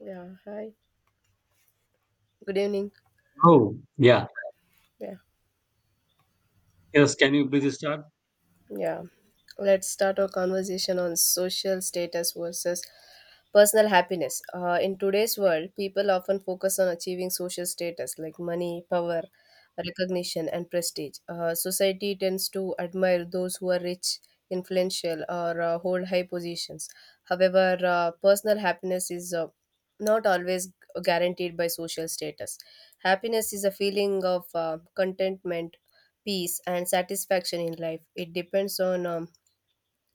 Yeah, hi. Good evening. Oh, yeah. Yeah, Yes, can you please start? Yeah. Let's start our conversation on social status versus personal happiness. In today's world, people often focus on achieving social status like money, power, recognition, and prestige. Society tends to admire those who are rich, influential, or hold high positions. However, personal happiness is not always guaranteed by social status. Happiness is a feeling of contentment, peace, and satisfaction in life. It depends on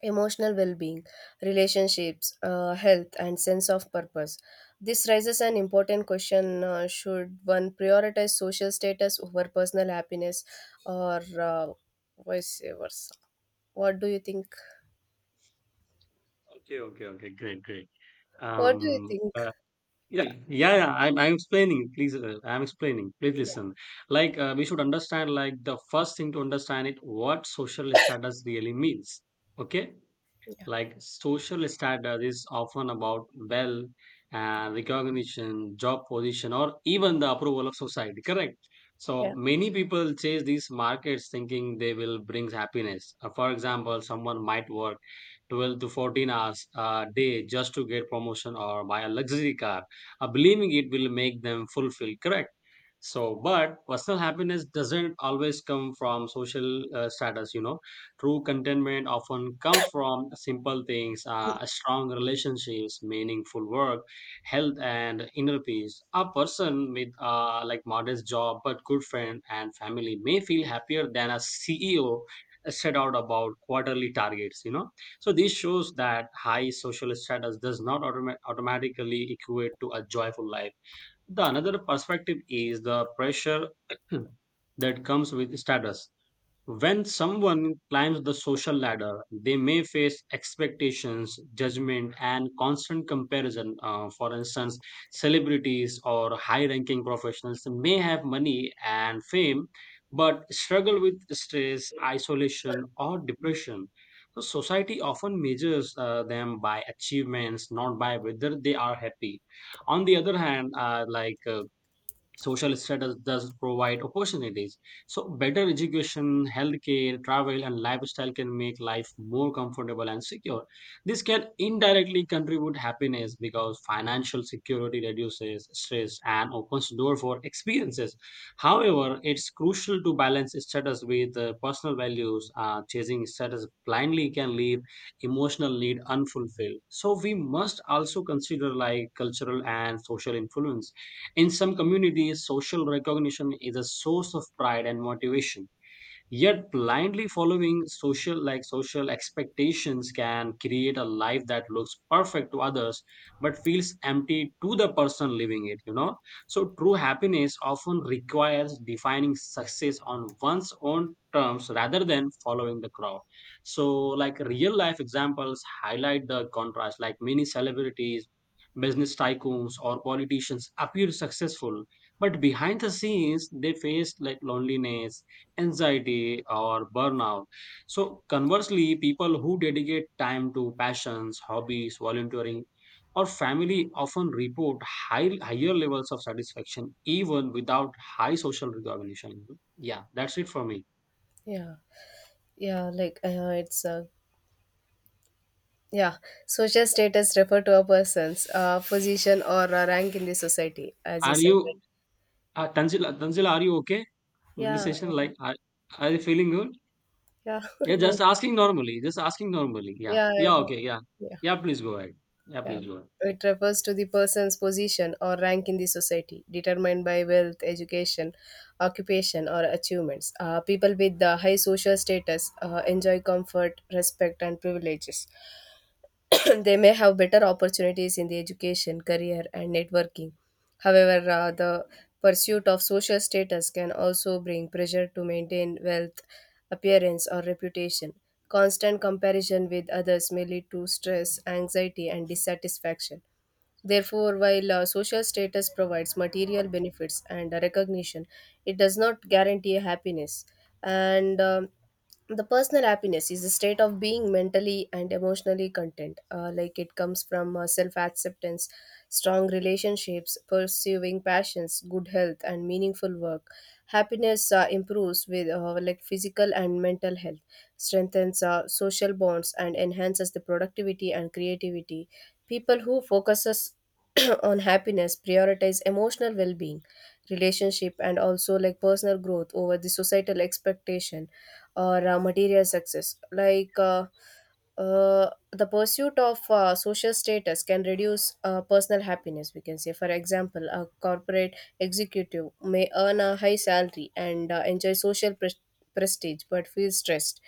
emotional well being, relationships, health, and sense of purpose. This raises an important question: should one prioritize social status over personal happiness, or uh, vice versa? What do you think? Okay, okay, okay. Great, great. What do you Um, think? uh, yeah, yeah. I'm explaining. Please, I'm explaining. Please listen. Like, we should understand. Like, the first thing to understand it, what social status really means. Okay. Yeah, Like social status is often about wealth and recognition, job position, or even the approval of society, correct? yeah, So many people chase these markets thinking they will bring happiness. For example, someone might work 12 to 14 hours a day just to get promotion or buy a luxury car, believing it will make them fulfilled, correct? So, but personal happiness doesn't always come from social status, True contentment often comes from simple things, strong relationships, meaningful work, health, and inner peace. A person with like modest job but good friend and family may feel happier than a CEO set out about quarterly targets. So this shows that high social status does not automatically equate to a joyful life. The another perspective is the pressure that comes with status when someone climbs the social ladder, they may face expectations, judgment, and constant comparison. For instance, celebrities or high ranking professionals may have money and fame, but struggle with stress, isolation, or depression. So society often measures them by achievements, not by whether they are happy. On the other hand, social status does provide opportunities. So, better education, healthcare, travel, and lifestyle can make life more comfortable and secure. This can indirectly contribute happiness because financial security reduces stress and opens door for experiences. However, it's crucial to balance status with personal values. Chasing status blindly can leave emotional need unfulfilled. So, we must also consider like cultural and social influence in some communities, social recognition is a source of pride and motivation yet blindly following social like social expectations can create a life that looks perfect to others but feels empty to the person living it. So true happiness often requires defining success on one's own terms rather than following the crowd. So like real life examples highlight the contrast, like many celebrities, business tycoons, or politicians appear successful but behind the scenes they face like loneliness, anxiety, or burnout. So, conversely, people who dedicate time to passions, hobbies, volunteering, or family often report higher levels of satisfaction even without high social recognition. Yeah, that's it for me. yeah, yeah like it's yeah, social status refer to a person's position or rank in the society, as you Are said, right? you, Tanzila, are you okay with the Yeah, session? Like, are you feeling good? yeah. Yeah, just asking normally. Just asking normally. Yeah. Yeah, Yeah, I'm- okay. Yeah. yeah, Yeah, please go ahead. Yeah, yeah. please go ahead. It refers to the person's position or rank in the society, determined by wealth, education, occupation, or achievements. People with the high social status enjoy comfort, respect, and privileges. They may have better opportunities in the education, career, and networking. However, the pursuit of social status can also bring pressure to maintain wealth, appearance, or reputation. Constant comparison with others may lead to stress, anxiety, and dissatisfaction. Therefore, while social status provides material benefits and recognition, it does not guarantee happiness. And the personal happiness is a state of being mentally and emotionally content. Like, it comes from self acceptance, strong relationships, pursuing passions, good health, and meaningful work. Happiness improves with like physical and mental health, strengthens social bonds, and enhances the productivity and creativity. People who focuses on happiness prioritize emotional well-being, relationship, and also like personal growth over the societal expectation or material success. like uh, the pursuit of social status can reduce personal happiness, we can say. For example, a corporate executive may earn a high salary and enjoy social prestige, but feel stressed,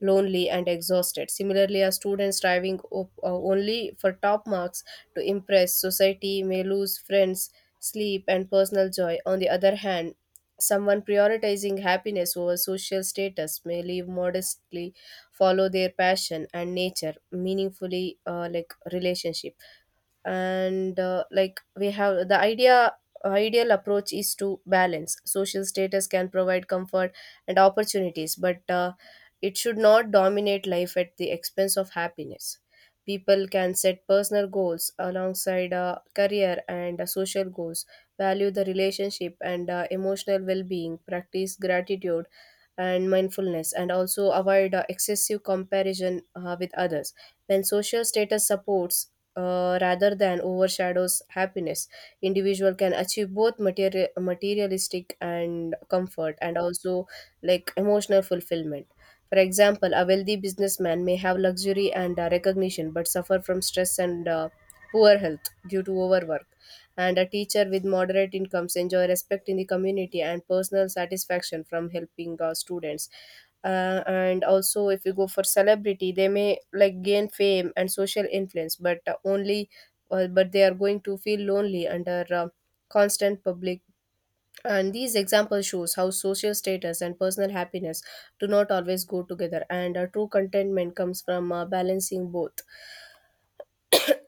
lonely, and exhausted. Similarly, a student striving only for top marks to impress society may lose friends, sleep, and personal joy. On the other hand, someone prioritizing happiness over social status may live modestly, follow their passion, and nature meaningfully like relationship. And like, we have the ideal approach is to balance. Social status can provide comfort and opportunities, but it should not dominate life at the expense of happiness. People can set personal goals alongside career and social goals, value the relationship and emotional well-being, practice gratitude and mindfulness, and also avoid excessive comparison with others. When social status supports rather than overshadows happiness, individual can achieve both materialistic and comfort, and also like emotional fulfillment. For example, a wealthy businessman may have luxury and recognition, but suffer from stress and poor health due to overwork. And a teacher with moderate incomes enjoy respect in the community and personal satisfaction from helping students. And also, if you go for celebrity, they may like gain fame and social influence, but only but they are going to feel lonely under constant public. And these examples shows how social status and personal happiness do not always go together, and true contentment comes from balancing both.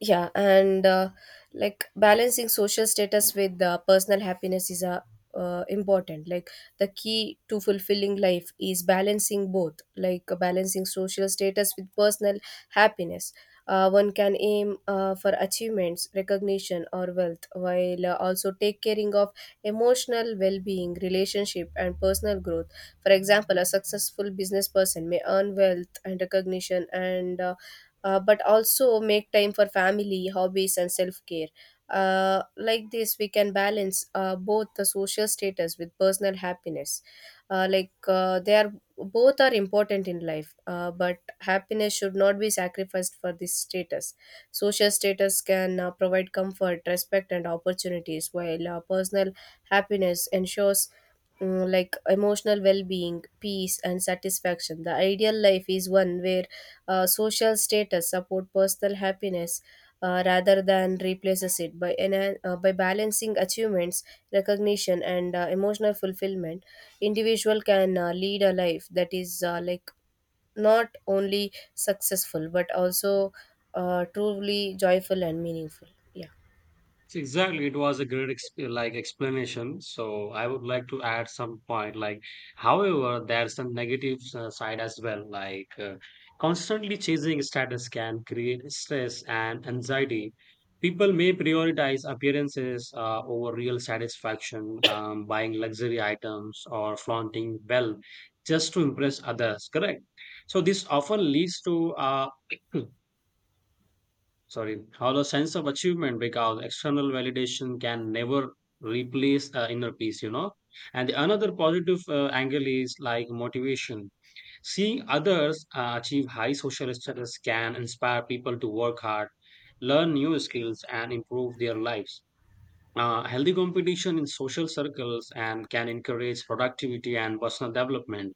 Yeah and Like, balancing social status with personal happiness is a important, like, the key to fulfilling life is balancing both, like balancing social status with personal happiness. One can aim for achievements, recognition, or wealth, while also take caring of emotional well-being, relationship, and personal growth. For example, a successful business person may earn wealth and recognition, and but also make time for family, hobbies, and self care. Like this, we can balance both the social status with personal happiness. Like they are both are important in life, but happiness should not be sacrificed for this status. Social status can provide comfort, respect, and opportunities, while personal happiness ensures like emotional well-being, peace, and satisfaction. The ideal life is one where social status support personal happiness rather than replaces it. By by balancing achievements, recognition, and emotional fulfillment, individual can lead a life that is like not only successful but also truly joyful and meaningful. Yeah, So, exactly, it was a great ex like explanation. So I would like to add some point. Like, however, there's some negative side as well. Like, constantly chasing status can create stress and anxiety. People may prioritize appearances over real satisfaction, buying luxury items or flaunting wealth just to impress others. Correct. So this often leads to sorry hollow sense of achievement because external validation can never replace inner peace. And the another positive angle is like motivation, seeing others achieve high social status can inspire people to work hard, learn new skills, and improve their lives. Healthy competition in social circles and can encourage productivity and personal development,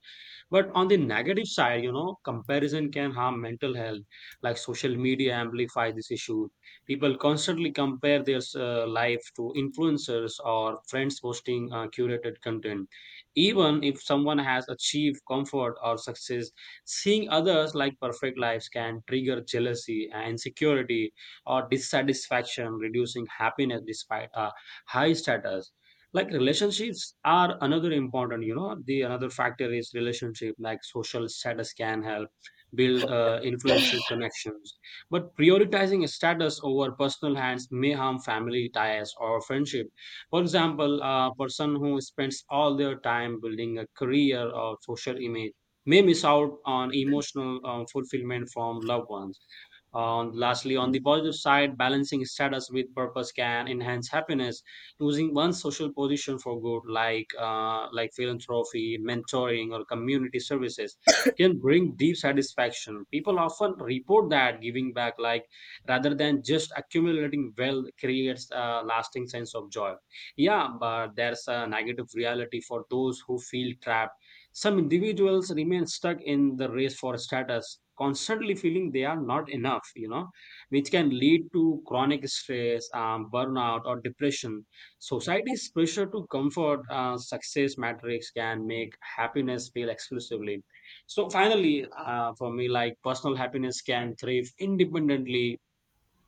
but on the negative side, comparison can harm mental health. Like social media amplifies this issue. People constantly compare their life to influencers or friends posting curated content. Even if someone has achieved comfort or success, seeing others like perfect lives can trigger jealousy and insecurity or dissatisfaction, reducing happiness despite a high status. Like relationships are another important. The another factor is relationship. Like social status can help build influential connections, but prioritizing status over personal hands may harm family ties or friendship. For example, a person who spends all their time building a career or social image may miss out on emotional fulfillment from loved ones. On lastly, on the positive side, balancing status with purpose can enhance happiness. Using one's social position for good, like philanthropy, mentoring, or community services, can bring deep satisfaction. People often report that giving back, like rather than just accumulating wealth, creates a lasting sense of joy. Yeah, but there's a negative reality for those who feel trapped. Some individuals remain stuck in the race for status, constantly feeling they are not enough, which can lead to chronic stress, burnout, or depression. Society's pressure to comfort success metrics can make happiness feel exclusively. So, finally, for me, like personal happiness can thrive independently,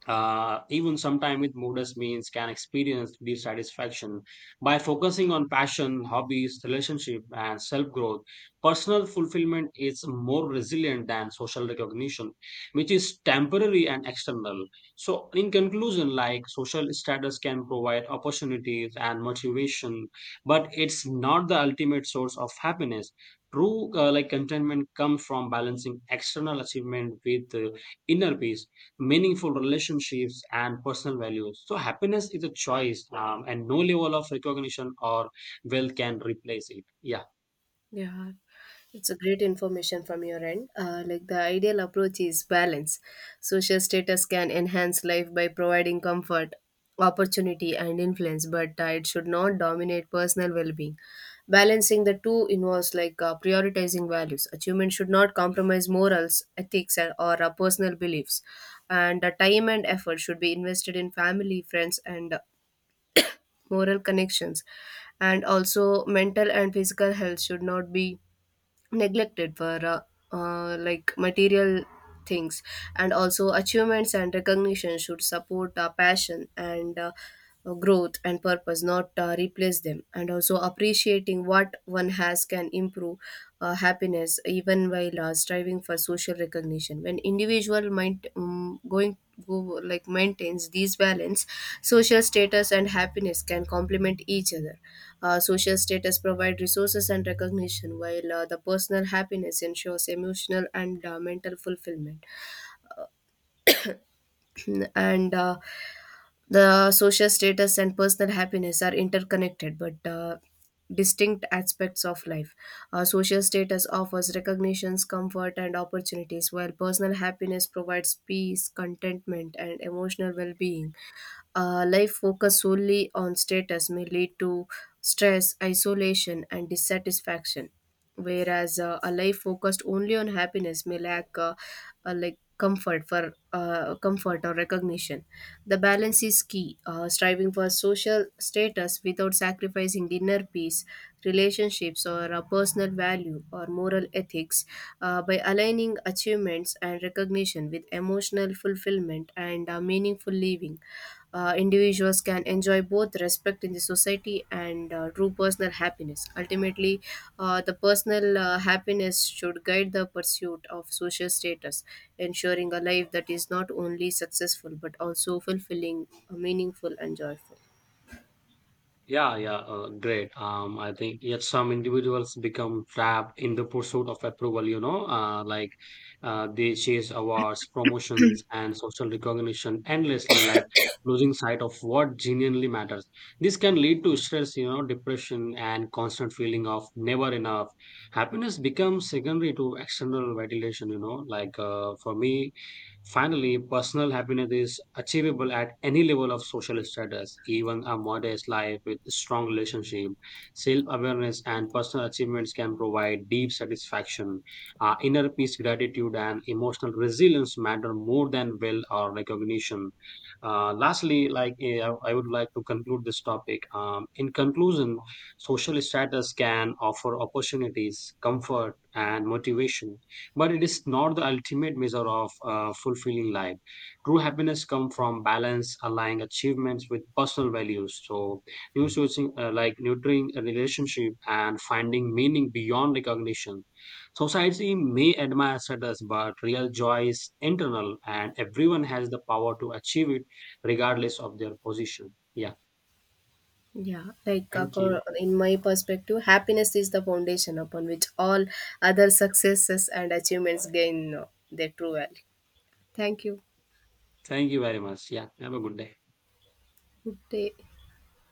even sometime with modest means can experience dissatisfaction by focusing on passion, hobbies, relationship, and self growth. Personal fulfillment is more resilient than social recognition, which is temporary and external. So in conclusion, like social status can provide opportunities and motivation, but it's not the ultimate source of happiness. True like contentment comes from balancing external achievement with inner peace, meaningful relationships, and personal values. So happiness is a choice, and no level of recognition or wealth can replace it. Yeah. Yeah, it's a great information from your end. Like, the ideal approach is balance. Social status can enhance life by providing comfort, opportunity, and influence, but it should not dominate personal well-being. Balancing the two involves like prioritizing values. Achievement should not compromise morals, ethics, and or personal beliefs, and time and effort should be invested in family, friends, and moral connections, and also mental and physical health should not be neglected for like material things, and also achievements and recognition should support our passion and growth and purpose, not replace them. And also, appreciating what one has can improve happiness, even while striving for social recognition. When individual mind going go like maintains these balance, social status and happiness can complement each other. Social status provide resources and recognition, while the personal happiness ensures emotional and mental fulfillment. And the social status and personal happiness are interconnected but distinct aspects of life. Social status offers recognitions, comfort, and opportunities, while personal happiness provides peace, contentment, and emotional well being. Life focused solely on status may lead to stress, isolation, and dissatisfaction. Whereas a life focused only on happiness may lack like comfort for comfort or recognition. The balance is key. Striving for social status without sacrificing inner peace, relationships, or personal value or moral ethics, by aligning achievements and recognition with emotional fulfillment and meaningful living, individuals can enjoy both respect in the society and true personal happiness. Ultimately, the personal happiness should guide the pursuit of social status, ensuring a life that is not only successful but also fulfilling, meaningful, and joyful. Yeah, yeah, great. I think yet some individuals become trapped in the pursuit of approval, they chase awards, promotions, and social recognition endlessly, like losing sight of what genuinely matters. This can lead to stress, depression, and constant feeling of never enough. Happiness becomes secondary to external validation, for me, finally, personal happiness is achievable at any level of social status, even a modest life with strong relationship. Self awareness and personal achievements can provide deep satisfaction. Inner peace, gratitude, and emotional resilience matter more than wealth or recognition. Lastly, I would like to conclude this topic. In conclusion, social status can offer opportunities, comfort, and motivation, but it is not the ultimate measure of fulfilling life. True happiness comes from balance, aligning achievements with personal values. So new sourcing like nurturing a relationship and finding meaning beyond recognition, society may admire status, but real joy is internal and everyone has the power to achieve it regardless of their position. Yeah, Yeah, like thank you. In my perspective, happiness is the foundation upon which all other successes and achievements gain their true value. Thank you. Thank you very much. Yeah, have a good day. Good day.